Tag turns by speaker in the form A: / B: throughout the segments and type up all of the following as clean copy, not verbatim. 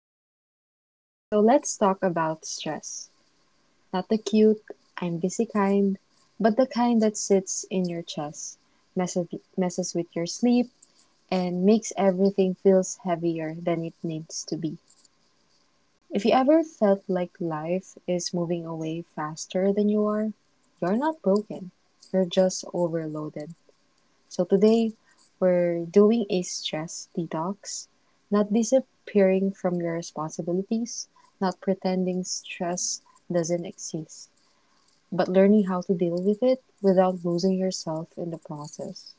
A: Hi everyone. So let's talk about stress. Not the cute, I'm busy kind, but the kind that sits in your chest, messes, messes with your sleep, and makes everything feels heavier than it needs to be. If you ever felt like life is moving away faster than you are, you're not broken. You're just overloaded. So today we're doing a stress detox, not disappearing from your responsibilities, not pretending stress doesn't exist, but learning how to deal with it without losing yourself in the process.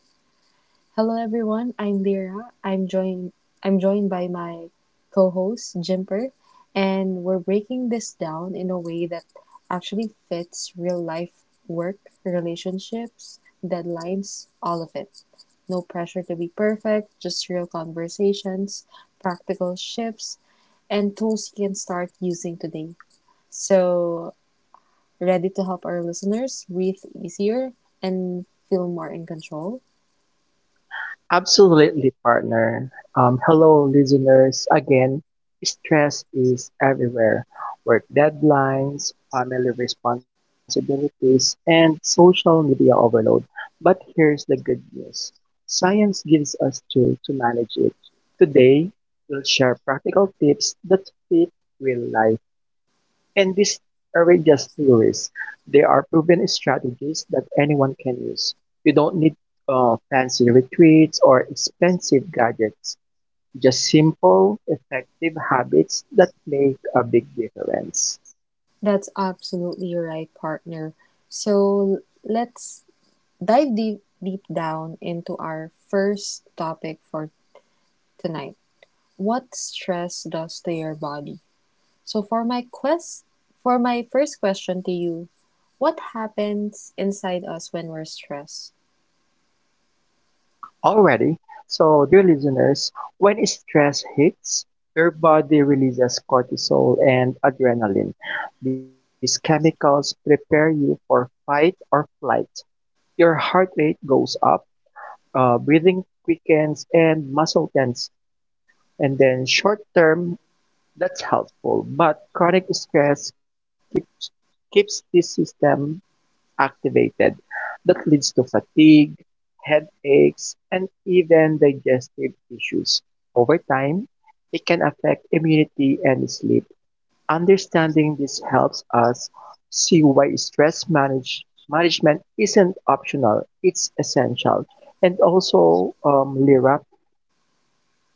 A: Hello everyone, I'm Lyra. I'm joined by my co-host Jimper, and we're breaking this down in a way that actually fits real life: work, relationships, deadlines, all of it. No pressure to be perfect, just real conversations, practical shifts, and tools you can start using today. So, ready to help our listeners breathe easier and feel more in control?
B: Absolutely, partner. Hello, listeners. Again, stress is everywhere. Work deadlines, family responsibilities, and social media overload. But here's the good news. Science gives us tools to manage it. Today, we'll share practical tips that fit real life. And these aren't just theories. They are proven strategies that anyone can use. You don't need fancy retreats or expensive gadgets, just simple, effective habits that make a big difference.
A: That's absolutely right, partner. So let's dive deep down into our first topic for tonight: what stress does to your body? So for my quest, for my first question to you, what happens inside us when we're stressed?
B: Already, so dear listeners, when stress hits, your body releases cortisol and adrenaline. These chemicals prepare you for fight or flight. Your heart rate goes up, breathing quickens, and muscle tense. And then short term, that's helpful, but chronic stress keeps the system activated. That leads to fatigue, headaches, and even digestive issues. Over time, it can affect immunity and sleep. Understanding this helps us see why management isn't optional, it's essential. And also, Lira,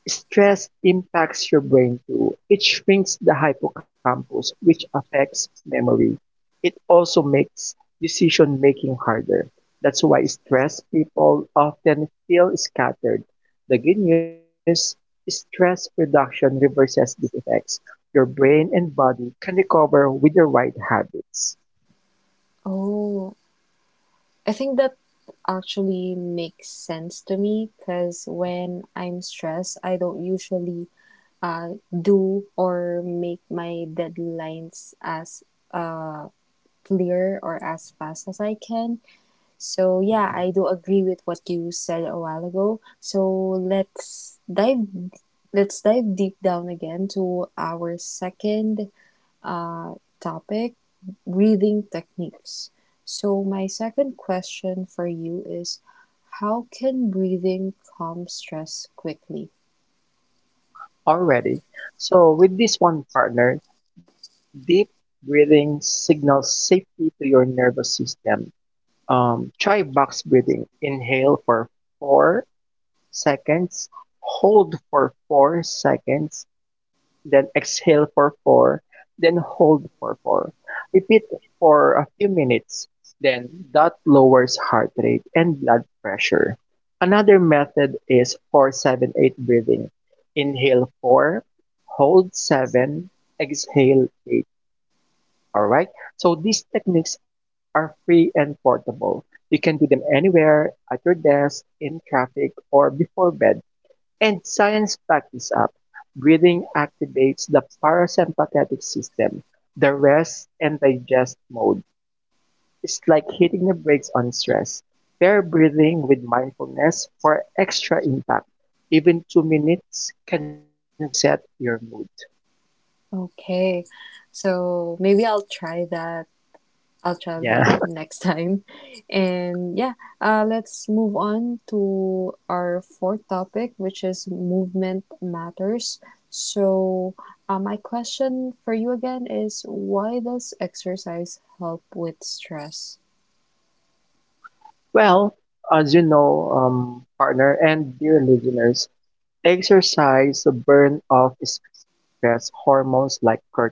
B: stress impacts your brain too. It shrinks the hippocampus, which affects memory. It also makes decision making harder. That's why stressed people often feel scattered. The good news: stress reduction reverses these effects. Your brain and body can recover with the right habits.
A: Oh, I think that actually makes sense to me, because when I'm stressed, I don't usually do or make my deadlines as uh, clear or as fast as I can. So, yeah, I do agree with what you said a while ago. So, let's dive let's dive deep down again to our second uh, topic, breathing techniques. So, my second question for you is how can breathing calm stress quickly?
B: Already, so with this one, partner, deep breathing signals safety to your nervous system. Try box breathing. Inhale for 4 seconds, hold for 4 seconds, then exhale for 4, then hold for 4. Repeat for a few minutes, then that lowers heart rate and blood pressure. Another method is 478 breathing. Inhale 4, hold 7, exhale 8. All right. So these techniques are free and portable. You can do them anywhere, at your desk, in traffic, or before bed. And science backs this up. Breathing activates the parasympathetic system, the rest and digest mode. It's like hitting the brakes on stress. Pair breathing with mindfulness for extra impact. Even 2 minutes can reset your mood.
A: Okay. So maybe I'll try that. I'll try that
B: Yeah.
A: next time. And yeah, let's move on to our fourth topic, which is movement matters. So, my question for you again is why does exercise help with stress?
B: Well, as you know, partner and dear listeners, exercise burn off stress hormones like cortisol.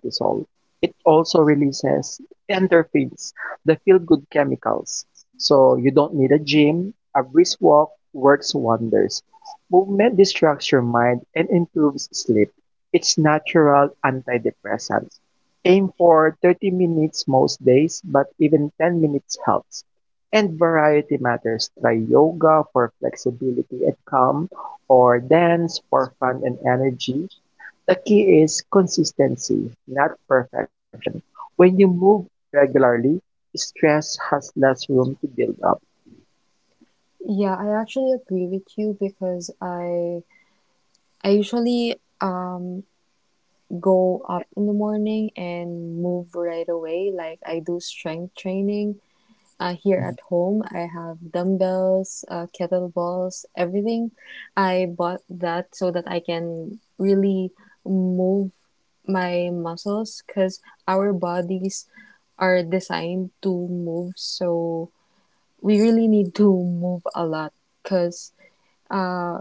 B: It also releases endorphins, the feel-good chemicals. So you don't need a gym. A brisk walk works wonders. Movement distracts your mind and improves sleep. It's natural antidepressant. Aim for 30 minutes most days, but even 10 minutes helps. And variety matters. Try yoga for flexibility and calm, or dance for fun and energy. The key is consistency, not perfection. When you move regularly, stress has less room to build up.
A: Yeah, I actually agree with you because I usually go up in the morning and move right away. Like I do strength training here
B: Mm.
A: at home. I have dumbbells, kettlebells, everything. I bought that so that I can really move my muscles, because our bodies are designed to move. So we really need to move a lot because uh,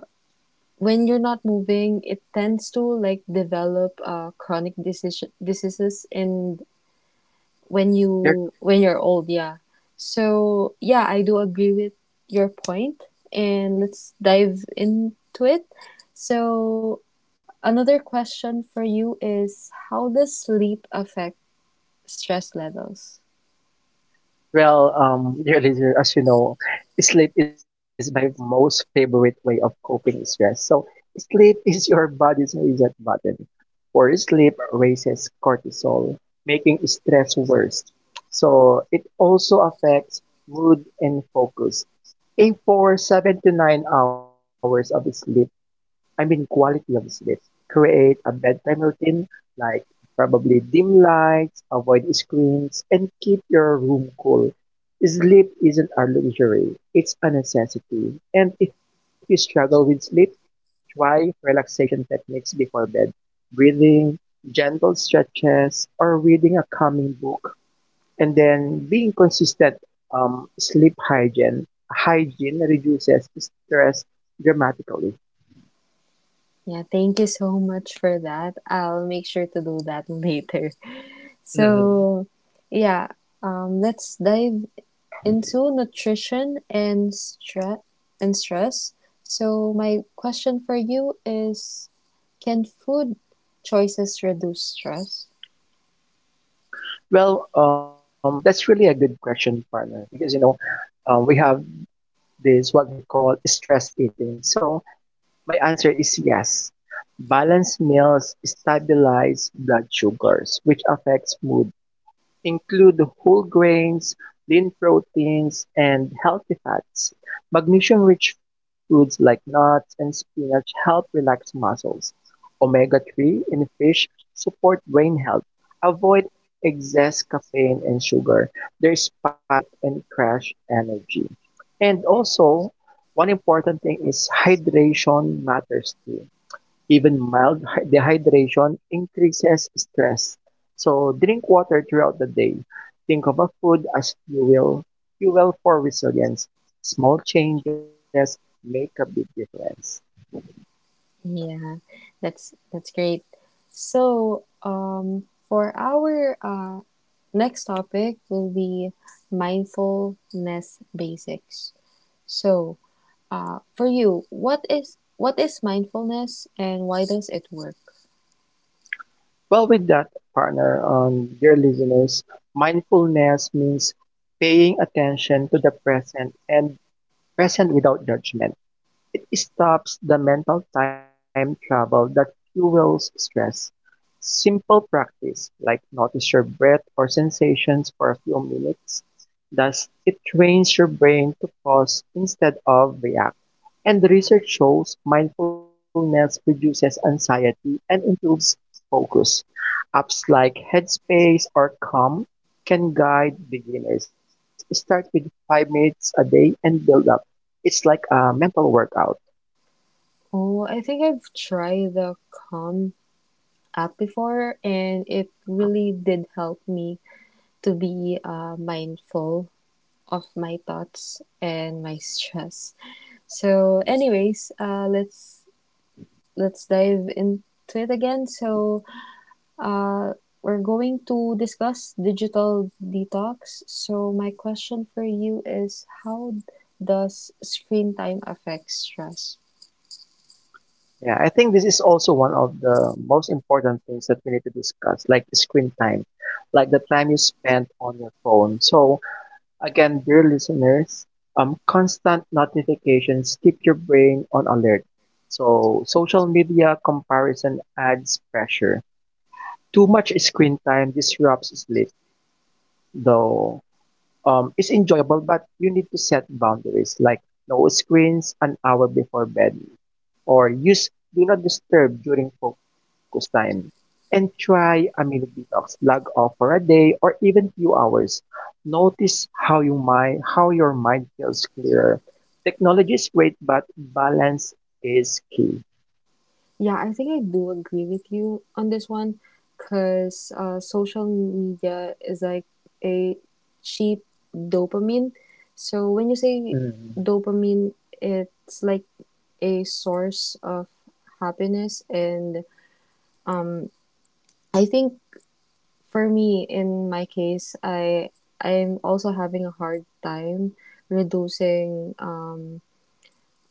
A: when you're not moving, it tends to like develop chronic decision diseases and when
B: Your-
A: you when you're old, yeah. So yeah, I do agree with your point, and let's dive into it. So another question for you is how does sleep affect stress levels?
B: Well, dear listener, as you know, sleep is my most favorite way of coping with stress. So, sleep is your body's reset button. Poor sleep raises cortisol, making stress worse. So it also affects mood and focus. Aim for 7 to 9 hours of sleep. I mean quality of sleep. Create a bedtime routine, like probably dim lights, avoid screens, and keep your room cool. Sleep isn't a luxury, it's a necessity. And if you struggle with sleep, try relaxation techniques before bed. Breathing, gentle stretches, or reading a calming book. And then being consistent, sleep hygiene. Hygiene reduces stress dramatically.
A: Yeah, thank you so much for that. I'll make sure to do that later.
B: Hmm.
A: So yeah, let's dive into and stress. So my question for you is, can food choices reduce stress?
B: Well, that's really a good question, partner, because you know, we have this what we call stress eating. So my answer is yes. Balanced meals stabilize blood sugars, which affects mood. Include whole grains, lean proteins, and healthy fats. Magnesium-rich foods like nuts and spinach help relax muscles. Omega-3 in fish support brain health. Avoid excess caffeine and sugar. They spike and crash energy. And also, one important thing is hydration matters too. Even dehydration increases stress. So drink water throughout the day. Think of a food as fuel, fuel for resilience. Small changes make a big difference.
A: Yeah, that's great. So, for our next topic will be mindfulness basics. So, for you, what is mindfulness and why does it work?
B: Well, with that, partner, dear listeners, mindfulness means paying attention to the present and present without judgment. It stops the mental time travel that fuels stress. Simple practice, like notice your breath or sensations for a few minutes, does it trains your brain to pause instead of react. And the research shows mindfulness reduces anxiety and improves focus. Apps like Headspace or Calm can guide beginners. Start with 5 minutes a day and build up. It's like a mental workout.
A: Oh, I think I've tried the Calm app before, and it really did help me to be mindful of my thoughts and my stress. So, anyways, let's dive into it again. So, uh, we're going to discuss digital detox. So, my question for you is, how does screen time affect stress?
B: Yeah, I think this is also one of the most important things that we need to discuss, like the screen time, like the time you spend on your phone. So, again, dear listeners, constant notifications keep your brain on alert. So, social media comparison adds pressure. Too much screen time disrupts sleep, though it's enjoyable, but you need to set boundaries, like no screens an hour before bed or use do not disturb during focus time. And try a mini detox, log off for a day or even few hours. Notice how your mind feels clearer. Technology is great, but balance is key.
A: Yeah, I think I do agree with you on this one because social media is like a cheap dopamine. So when you
B: Mm.
A: say dopamine, it's like a source of happiness, and um, I think for me, in my case, I'm also having a hard time reducing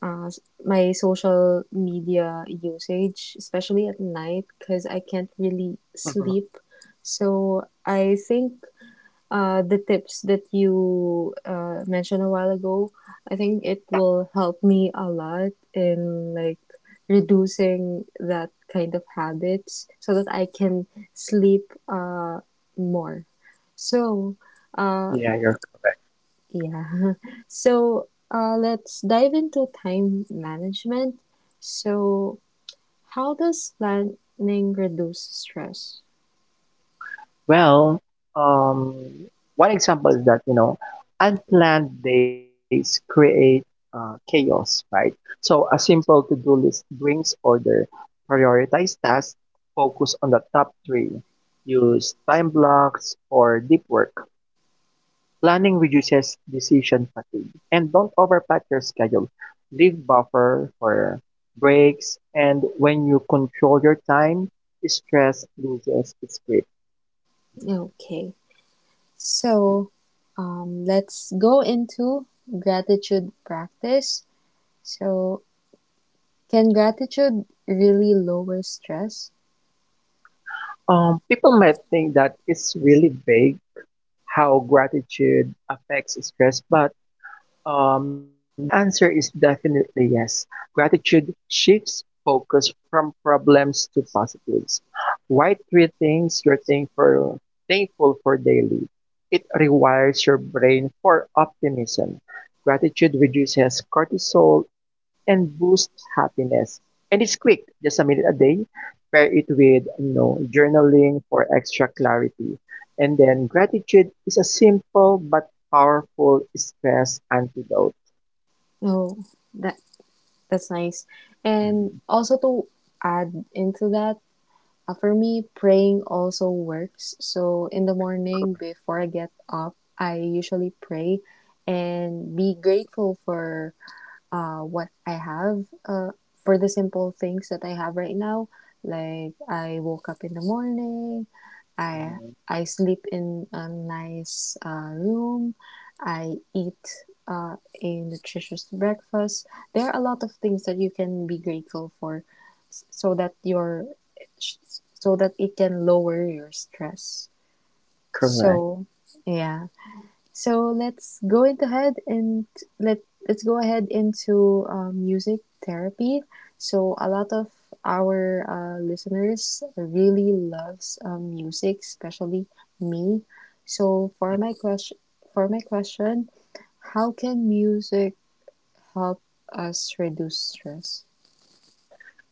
A: uh, my social media usage, especially at night, because I can't really sleep. So I think the tips that you mentioned a while ago, I think it will help me a lot in like reducing that kind of habits so that I can sleep more. So
B: Yeah, you're
A: uh, yeah. So let's dive into time management. So, how does planning reduce stress?
B: Well, um, one example is that, you know, unplanned days create chaos, right? So a simple to-do list brings order, prioritize tasks, focus on the top three, use time blocks or deep work. Planning reduces decision fatigue. And don't overpack your schedule. Leave buffer for breaks, and when you control your time, stress loses its grip.
A: Okay. So, let's go into gratitude practice. So, can gratitude really lower stress?
B: People might think that it's really vague how gratitude affects stress, but the answer is definitely yes. Gratitude shifts focus from problems to positives. Write three things you're thankful for daily. It rewires your brain for optimism. Gratitude reduces cortisol and boosts happiness. And it's quick, just a minute a day. Pair it with journaling for extra clarity. And then gratitude is a simple but powerful stress antidote.
A: Oh, that that's nice.
B: Mhm.
A: And also to add into that, uh, for me, praying also works. So in the morning, before I get up, I usually pray and be grateful for what I have, for the simple things that I have right now. Like I woke up in the morning, I I sleep in a nice room. I eat uh, a nutritious breakfast. There are a lot of things that you can be grateful for, so that your so that it can lower your stress. So
B: Correct.
A: yeah, so let let's go ahead into music therapy. So a lot of our listeners really loves music, especially me. So for my question, how can music help us reduce stress?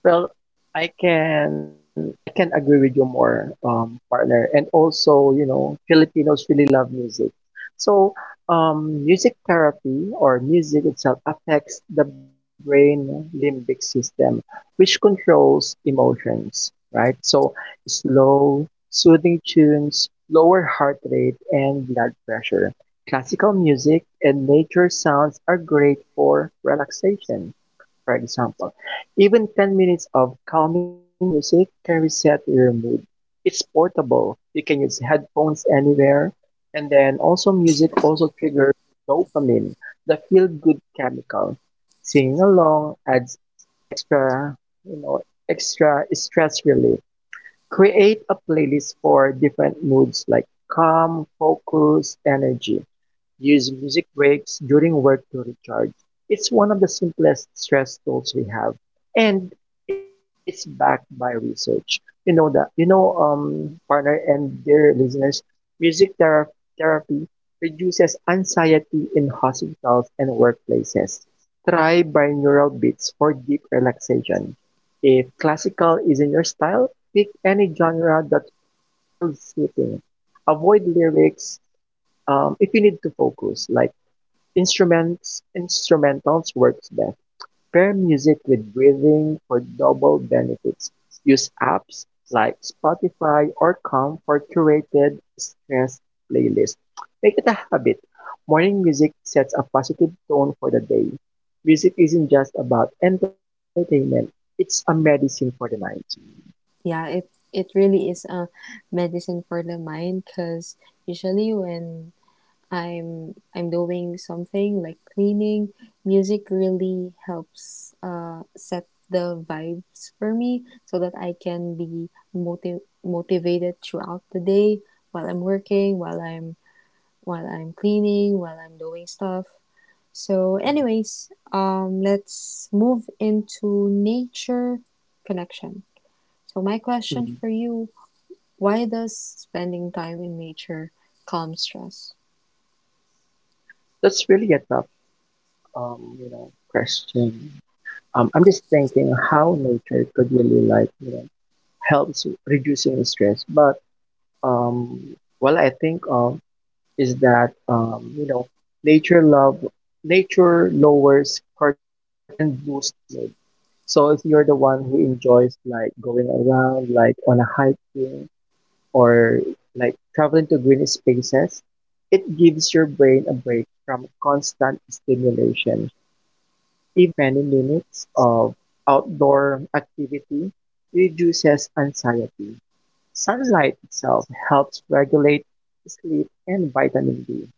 B: Well, I can agree with you more, partner. And also, you know, Filipinos really love music. So, music therapy or music itself affects the brain limbic system, which controls emotions, right? So, slow, soothing tunes lower heart rate and blood pressure. Classical music and nature sounds are great for relaxation, for example, even 10 minutes of calming music can reset your mood. It's portable. You can use headphones anywhere. And then also music also triggers dopamine, the feel-good chemical. Singing along adds extra, you know, extra stress relief. Create a playlist for different moods like calm, focus, energy. Use music breaks during work to recharge. It's one of the simplest stress tools we have, and it's backed by research. Partner and dear listeners, music thera- therapy reduces anxiety in hospitals and workplaces. Try binaural beats for deep relaxation. If classical isn't your style, pick any genre that feels soothing. Avoid lyrics if you need to focus, like instrumentals works best. Pair music with breathing for double benefits. Use apps like Spotify or Calm for curated stress playlists. Make it a habit. Morning music sets a positive tone for the day. Music isn't just about entertainment; it's a medicine for the mind.
A: Yeah, it really is a medicine for the mind because usually when I'm doing something like cleaning, music really helps set the vibes for me so that I can be motivated throughout the day while I'm working, while I'm cleaning, while I'm doing stuff. So, anyways, let's move into nature connection. So, my
B: Mhm.
A: question for you: why does spending time in nature calm stress?
B: That's really a tough, question. I'm just thinking how nature could really like helps reducing stress. But what I think of is that nature love nature lowers cortisol and boosts mood. So if you're the one who enjoys like going around, like on a hiking or like traveling to green spaces, it gives your brain a break from constant stimulation. Even 20 minutes of outdoor activity reduces anxiety. Sunlight itself helps regulate sleep and vitamin D.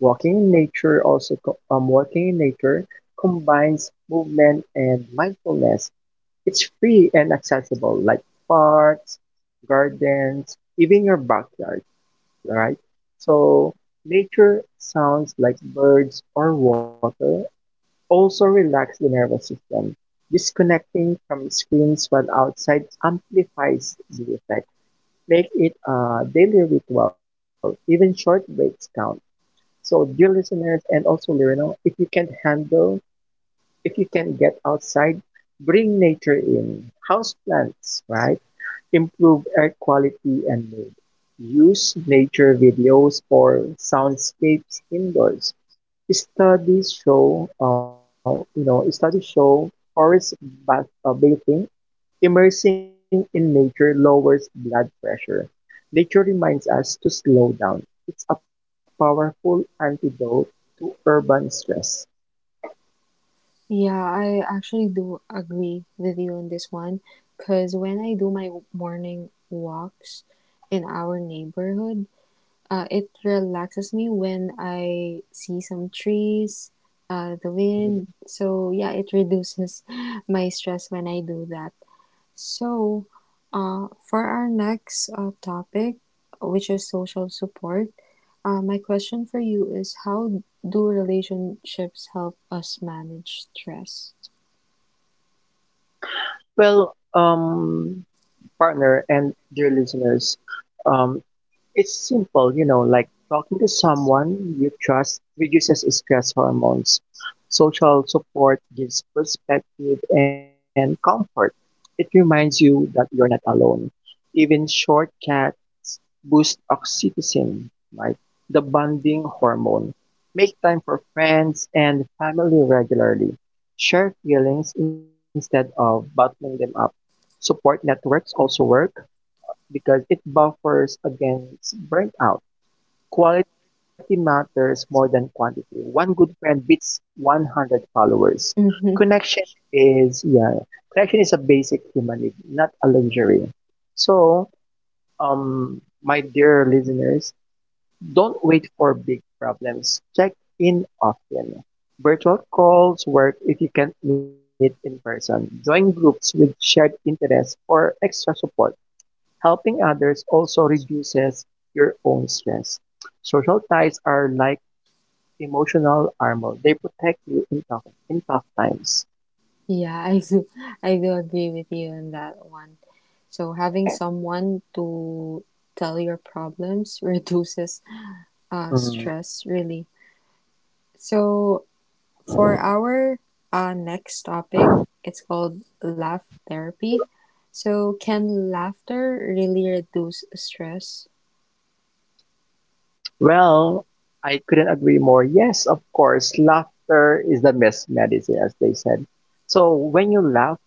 B: Walking in nature combines movement and mindfulness. It's free and accessible, like parks, gardens, even your backyard, right? So nature sounds like birds or water also relax the nervous system. Disconnecting from screens while outside amplifies the effect. Make it a daily ritual. Even short breaks count. So, dear listeners and also Lirino, if you can get outside, bring nature in. House plants, right? Improve air quality and mood. Use nature videos for soundscapes indoors. Studies show bathing, immersing in nature lowers blood pressure. Nature reminds us to slow down. It's a powerful antidote to urban stress.
A: Yeah, I actually do agree with you on this one because when I do my morning walks in our neighborhood, it relaxes me when I see some trees, the wind. So, yeah, it reduces my stress when I do that. So, for our next topic, which is social support, my question for you is how do relationships help us manage stress?
B: Well, partner and dear listeners, um, it's simple, you know, like talking to someone you trust reduces stress hormones. Social support gives perspective and comfort. It reminds you that you're not alone. Even shortcuts boost oxytocin, right? The bonding hormone. Make time for friends and family regularly. Share feelings instead of bottling them up. Support networks also work because it buffers against burnout. Quality matters more than quantity. One good friend beats 100 followers.
A: Hmm.
B: Connection is yeah, connection is a basic human need, not a luxury. So, my dear listeners, don't wait for big problems. Check in often. Virtual calls work if you can't meet in person. Join groups with shared interests for extra support. Helping others also reduces your own stress. Social ties are like emotional armor. They protect you in tough times.
A: Yeah, I do agree with you on that one. So having someone to tell your problems reduces
B: Mm.
A: stress, really. So for our next topic, it's called laugh therapy. So can laughter really reduce stress?
B: Well, I couldn't agree more. Yes, of course, laughter is the best medicine, as they said. So when you laugh,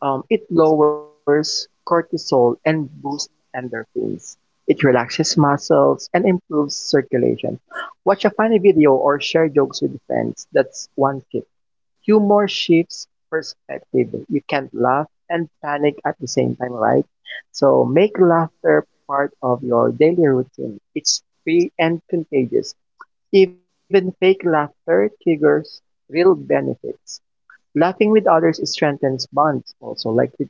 B: it lowers cortisol and boosts endorphins. It relaxes muscles and improves circulation. Watch a funny video or share jokes with friends. That's one tip. Humor shifts perspective. You can't laugh and panic at the same time, right? So make laughter part of your daily routine. It's free and contagious. Even fake laughter triggers real benefits. Laughing with others strengthens bonds also,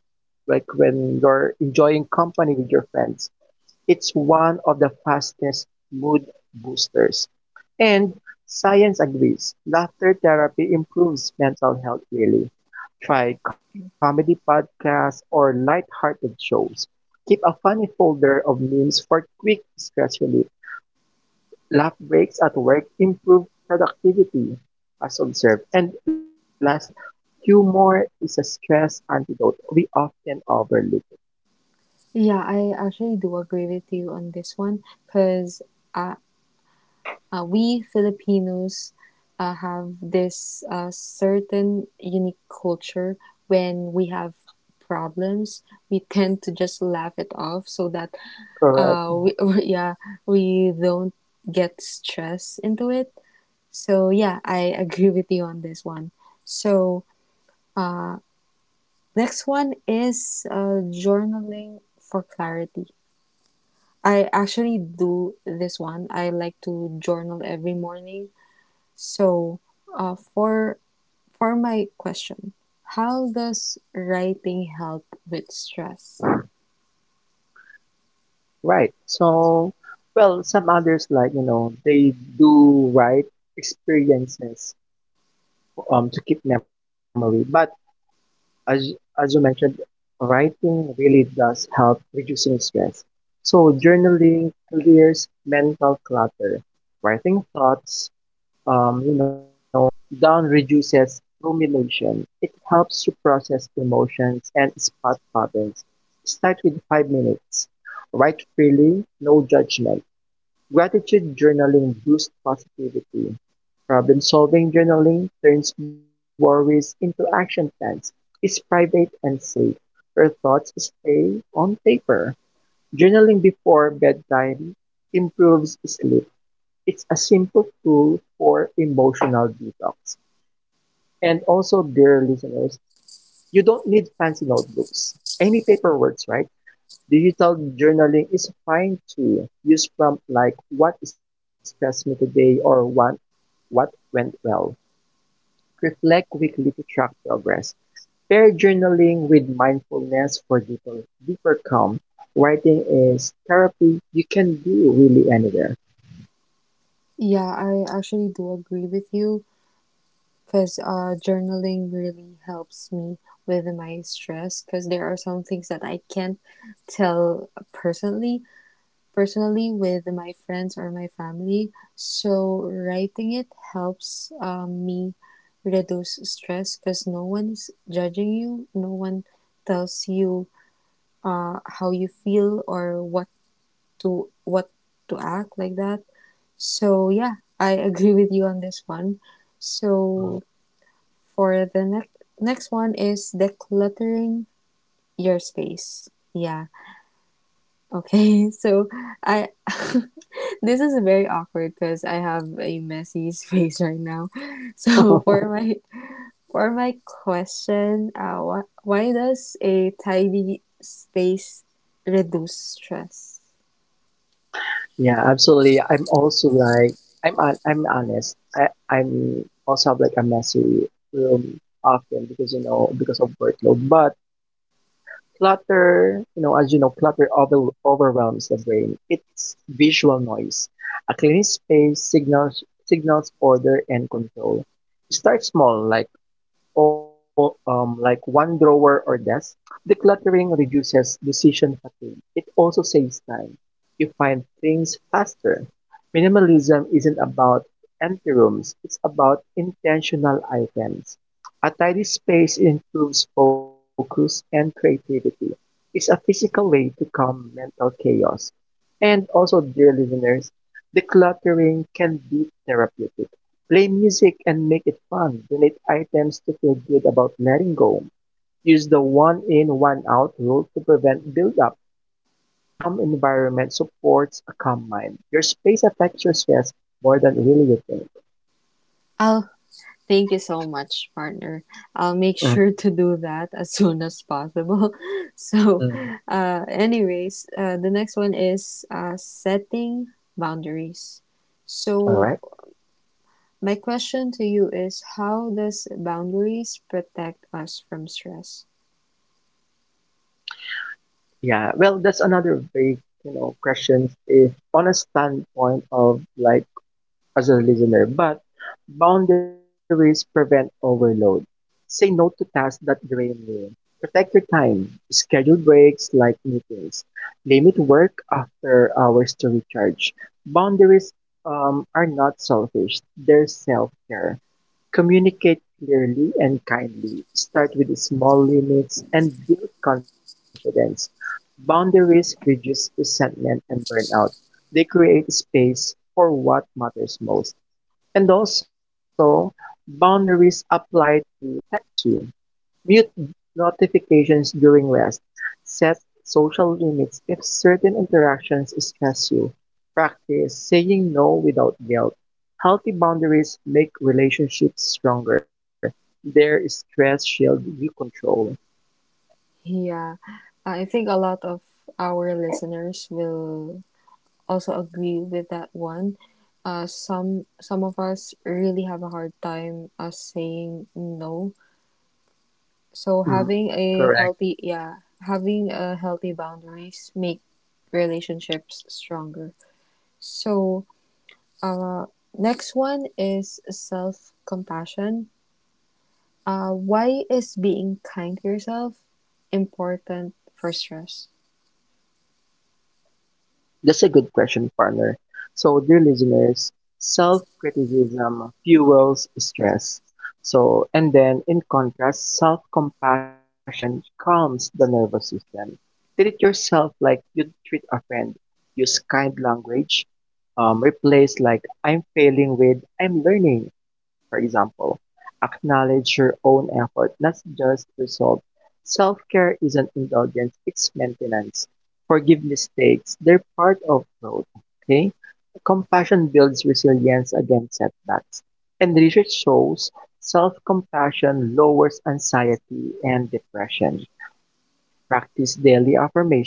B: like when you're enjoying company with your friends. It's one of the fastest mood boosters. And science agrees, laughter therapy improves mental health really. Try comedy podcasts or light-hearted shows. Keep a funny folder of memes for quick stress relief. Laugh breaks at work improve productivity, as observed. And lastly, humor is a stress antidote we often overlook.
A: Yeah, I actually do agree with you on this one because we Filipinos have this certain unique culture. When we have problems, we tend to just laugh it off, so that
B: Correct.
A: uh we, yeah, we don't get stressed into it. So yeah, I agree with you on this one. So uh next one is journaling for clarity. I actually do this one. I like to journal every morning. So, uh, for for my question, how does writing help with stress?
B: Right. So, well, some others like, you know, they do write experiences to keep memory. But as as you mentioned, writing really does help reducing stress. So journaling clears mental clutter. Writing thoughts, um, you know, down reduces rumination. It helps you process emotions and spot patterns. Start with 5 minutes. Write freely, no judgment. Gratitude journaling boosts positivity. Problem-solving journaling turns worries into action plans, is private and safe. Your thoughts stay on paper. Journaling before bedtime improves sleep. It's a simple tool for emotional detox. And also, dear listeners, you don't need fancy notebooks. Any paper works, right? Digital journaling is fine too. Use prompts like "What stressed me today?" or "What went well?" Reflect weekly to track progress. Pair journaling with mindfulness for deeper calm. Writing is therapy you can do really anywhere.
A: Yeah, I actually do agree with you because journaling really helps me with my stress because there are some things that I can't tell personally, personally with my friends or my family. So writing it helps me reduce stress because no one is judging you, no one tells you how you feel or what to act like that. So yeah, I agree with you on this one. So for the next one is decluttering your space. Yeah. Okay. So I this is very awkward because I have a messy space right now. So for my question, why does a tidy space reduce stress?
B: Yeah, absolutely. I'm also like I'm honest. I'm also have like a messy room often because you know because of workload, but clutter, you know, as you know, overwhelms the brain. It's visual noise. A clean space signals order and control. Start small, like like one drawer or desk, decluttering reduces decision fatigue. It also saves time. You find things faster. Minimalism isn't about empty rooms, it's about intentional items. A tidy space improves focus and creativity. It's a physical way to calm mental chaos. And also, dear listeners, decluttering can be therapeutic. Play music and make it fun. Donate items to feel good about letting go. Use the one in, one out rule to prevent buildup. A calm environment supports a calm mind. Your space affects your stress more than really you think.
A: I'll Thank you so much, partner. I'll make sure to do that as soon as possible. So,
B: Mhm.
A: anyways, the next one is setting boundaries.
B: All
A: So,
B: right.
A: my question to you is how does boundaries protect us from stress?
B: Yeah. Well, that's another vague, you know, questions. If on a standpoint of like as a listener, but boundaries prevent overload. Say no to tasks that drain you. Protect your time. Schedule breaks like meetings. Limit work after hours to recharge. Boundaries are not selfish, they're self care. Communicate clearly and kindly. Start with small limits and build confidence. Boundaries reduce resentment and burnout. They create space for what matters most. And also, boundaries apply to tech too. Mute notifications during rest. Set social limits if certain interactions stress you. Practice saying no without guilt. Healthy boundaries make relationships stronger. Their stress shield you control.
A: Yeah, I think a lot of our listeners will also agree with that one. Some of us really have a hard time saying no.
B: Mm,
A: So having a
B: correct.
A: healthy, yeah, having a healthy boundaries make relationships stronger. So, uh, next one is self-compassion. Why is being kind to yourself important for stress?
B: That's a good question, partner. So, dear listeners, self criticism fuels stress. So, and then in contrast, self compassion calms the nervous system. Treat yourself like you'd treat a friend. Use kind language, replace like I'm failing with I'm learning, for example. Acknowledge your own effort, not just result. Self care isn't indulgence, it's maintenance. Forgive mistakes, they're part of growth. Okay? Compassion builds resilience against setbacks. And research shows self compassion lowers anxiety and depression. Practice daily affirmations,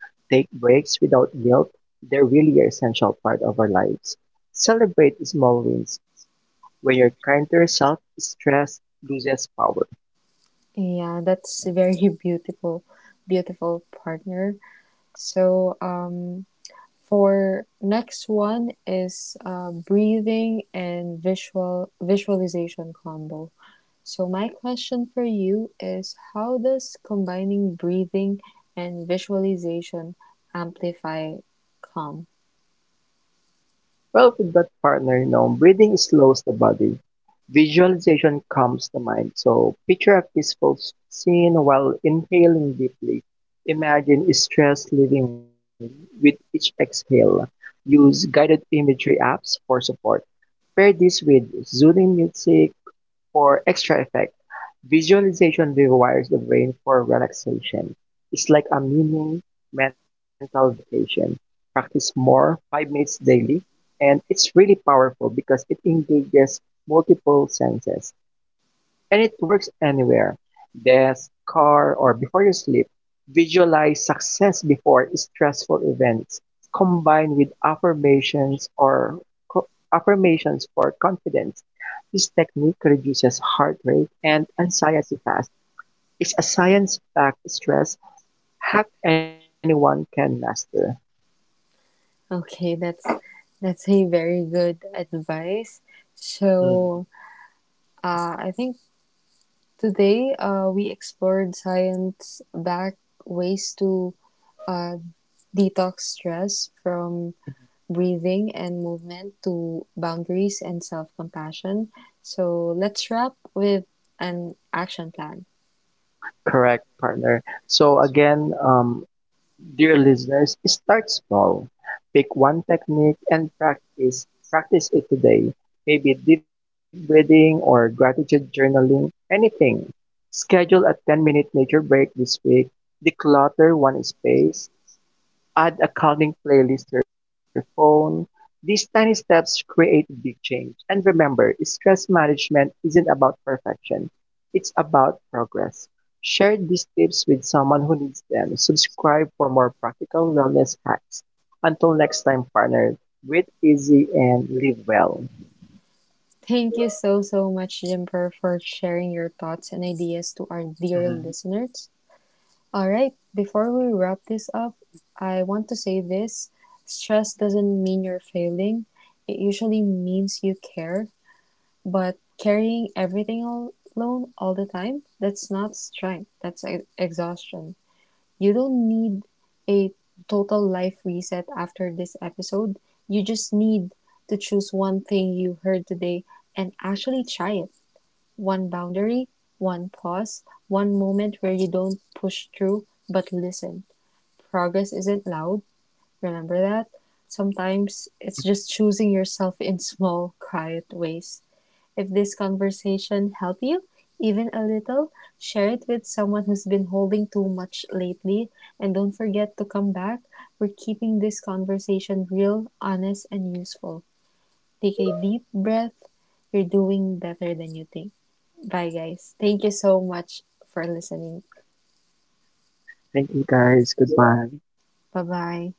B: take breaks without guilt. They're really an essential part of our lives. Celebrate small wins. When you're kind to yourself, stress loses power.
A: Yeah, that's a very beautiful, partner. So, for next one is breathing and visualization combo. So my question for you is how does combining breathing and visualization amplify calm?
B: Well, with that partner, you know, breathing slows the body. Visualization calms the mind. So picture a peaceful scene while inhaling deeply. Imagine stress leaving with each exhale. Use guided imagery apps for support. Pair this with soothing music for extra effect. Visualization rewires the brain for relaxation. It's like a mini mental vacation. Practice more, 5 minutes daily, and it's really powerful because it engages multiple senses. And it works anywhere, desk, car, or before you sleep. Visualize success before stressful events, combine with affirmations or affirmations for confidence. This technique reduces heart rate and anxiety fast. It's a science-backed stress hack anyone can master.
A: Okay, that's a very good advice.
B: Mm,
A: So I think today we explored science backed ways to uh, detox stress, from breathing and movement to boundaries and self compassion. So let's wrap with an action plan.
B: correct, partner. So again, dear listeners, start small. Pick one technique and practice. Practice it today. Maybe deep breathing or gratitude journaling, anything. Schedule a 10-minute nature break this week. Declutter one space. Add a calming playlist to your phone. These tiny steps create big change. And remember, stress management isn't about perfection. It's about progress. Share these tips with someone who needs them. Subscribe for more practical wellness hacks. Until next time, partner, breathe easy and live well.
A: Thank you so, so much, Jimper, for sharing your thoughts and ideas to our
B: Mhm.
A: dear listeners. All right, before we wrap this up, I want to say this: stress doesn't mean you're failing, it usually means you care, but carrying everything alone all the time, that's not strength, that's exhaustion. You don't need a total life reset after this episode, you just need to choose one thing you heard today and actually try it: one boundary, one pause, one moment where you don't push through but listen. Progress isn't loud, remember that? Sometimes it's just choosing yourself in small, quiet ways. If this conversation helped you, even a little, share it with someone who's been holding too much lately. And don't forget to come back. We're keeping this conversation real, honest, and useful. Take a deep breath. You're doing better than you think. Bye, guys. Thank you so much for listening.
B: Thank you guys. Goodbye.
A: Bye bye.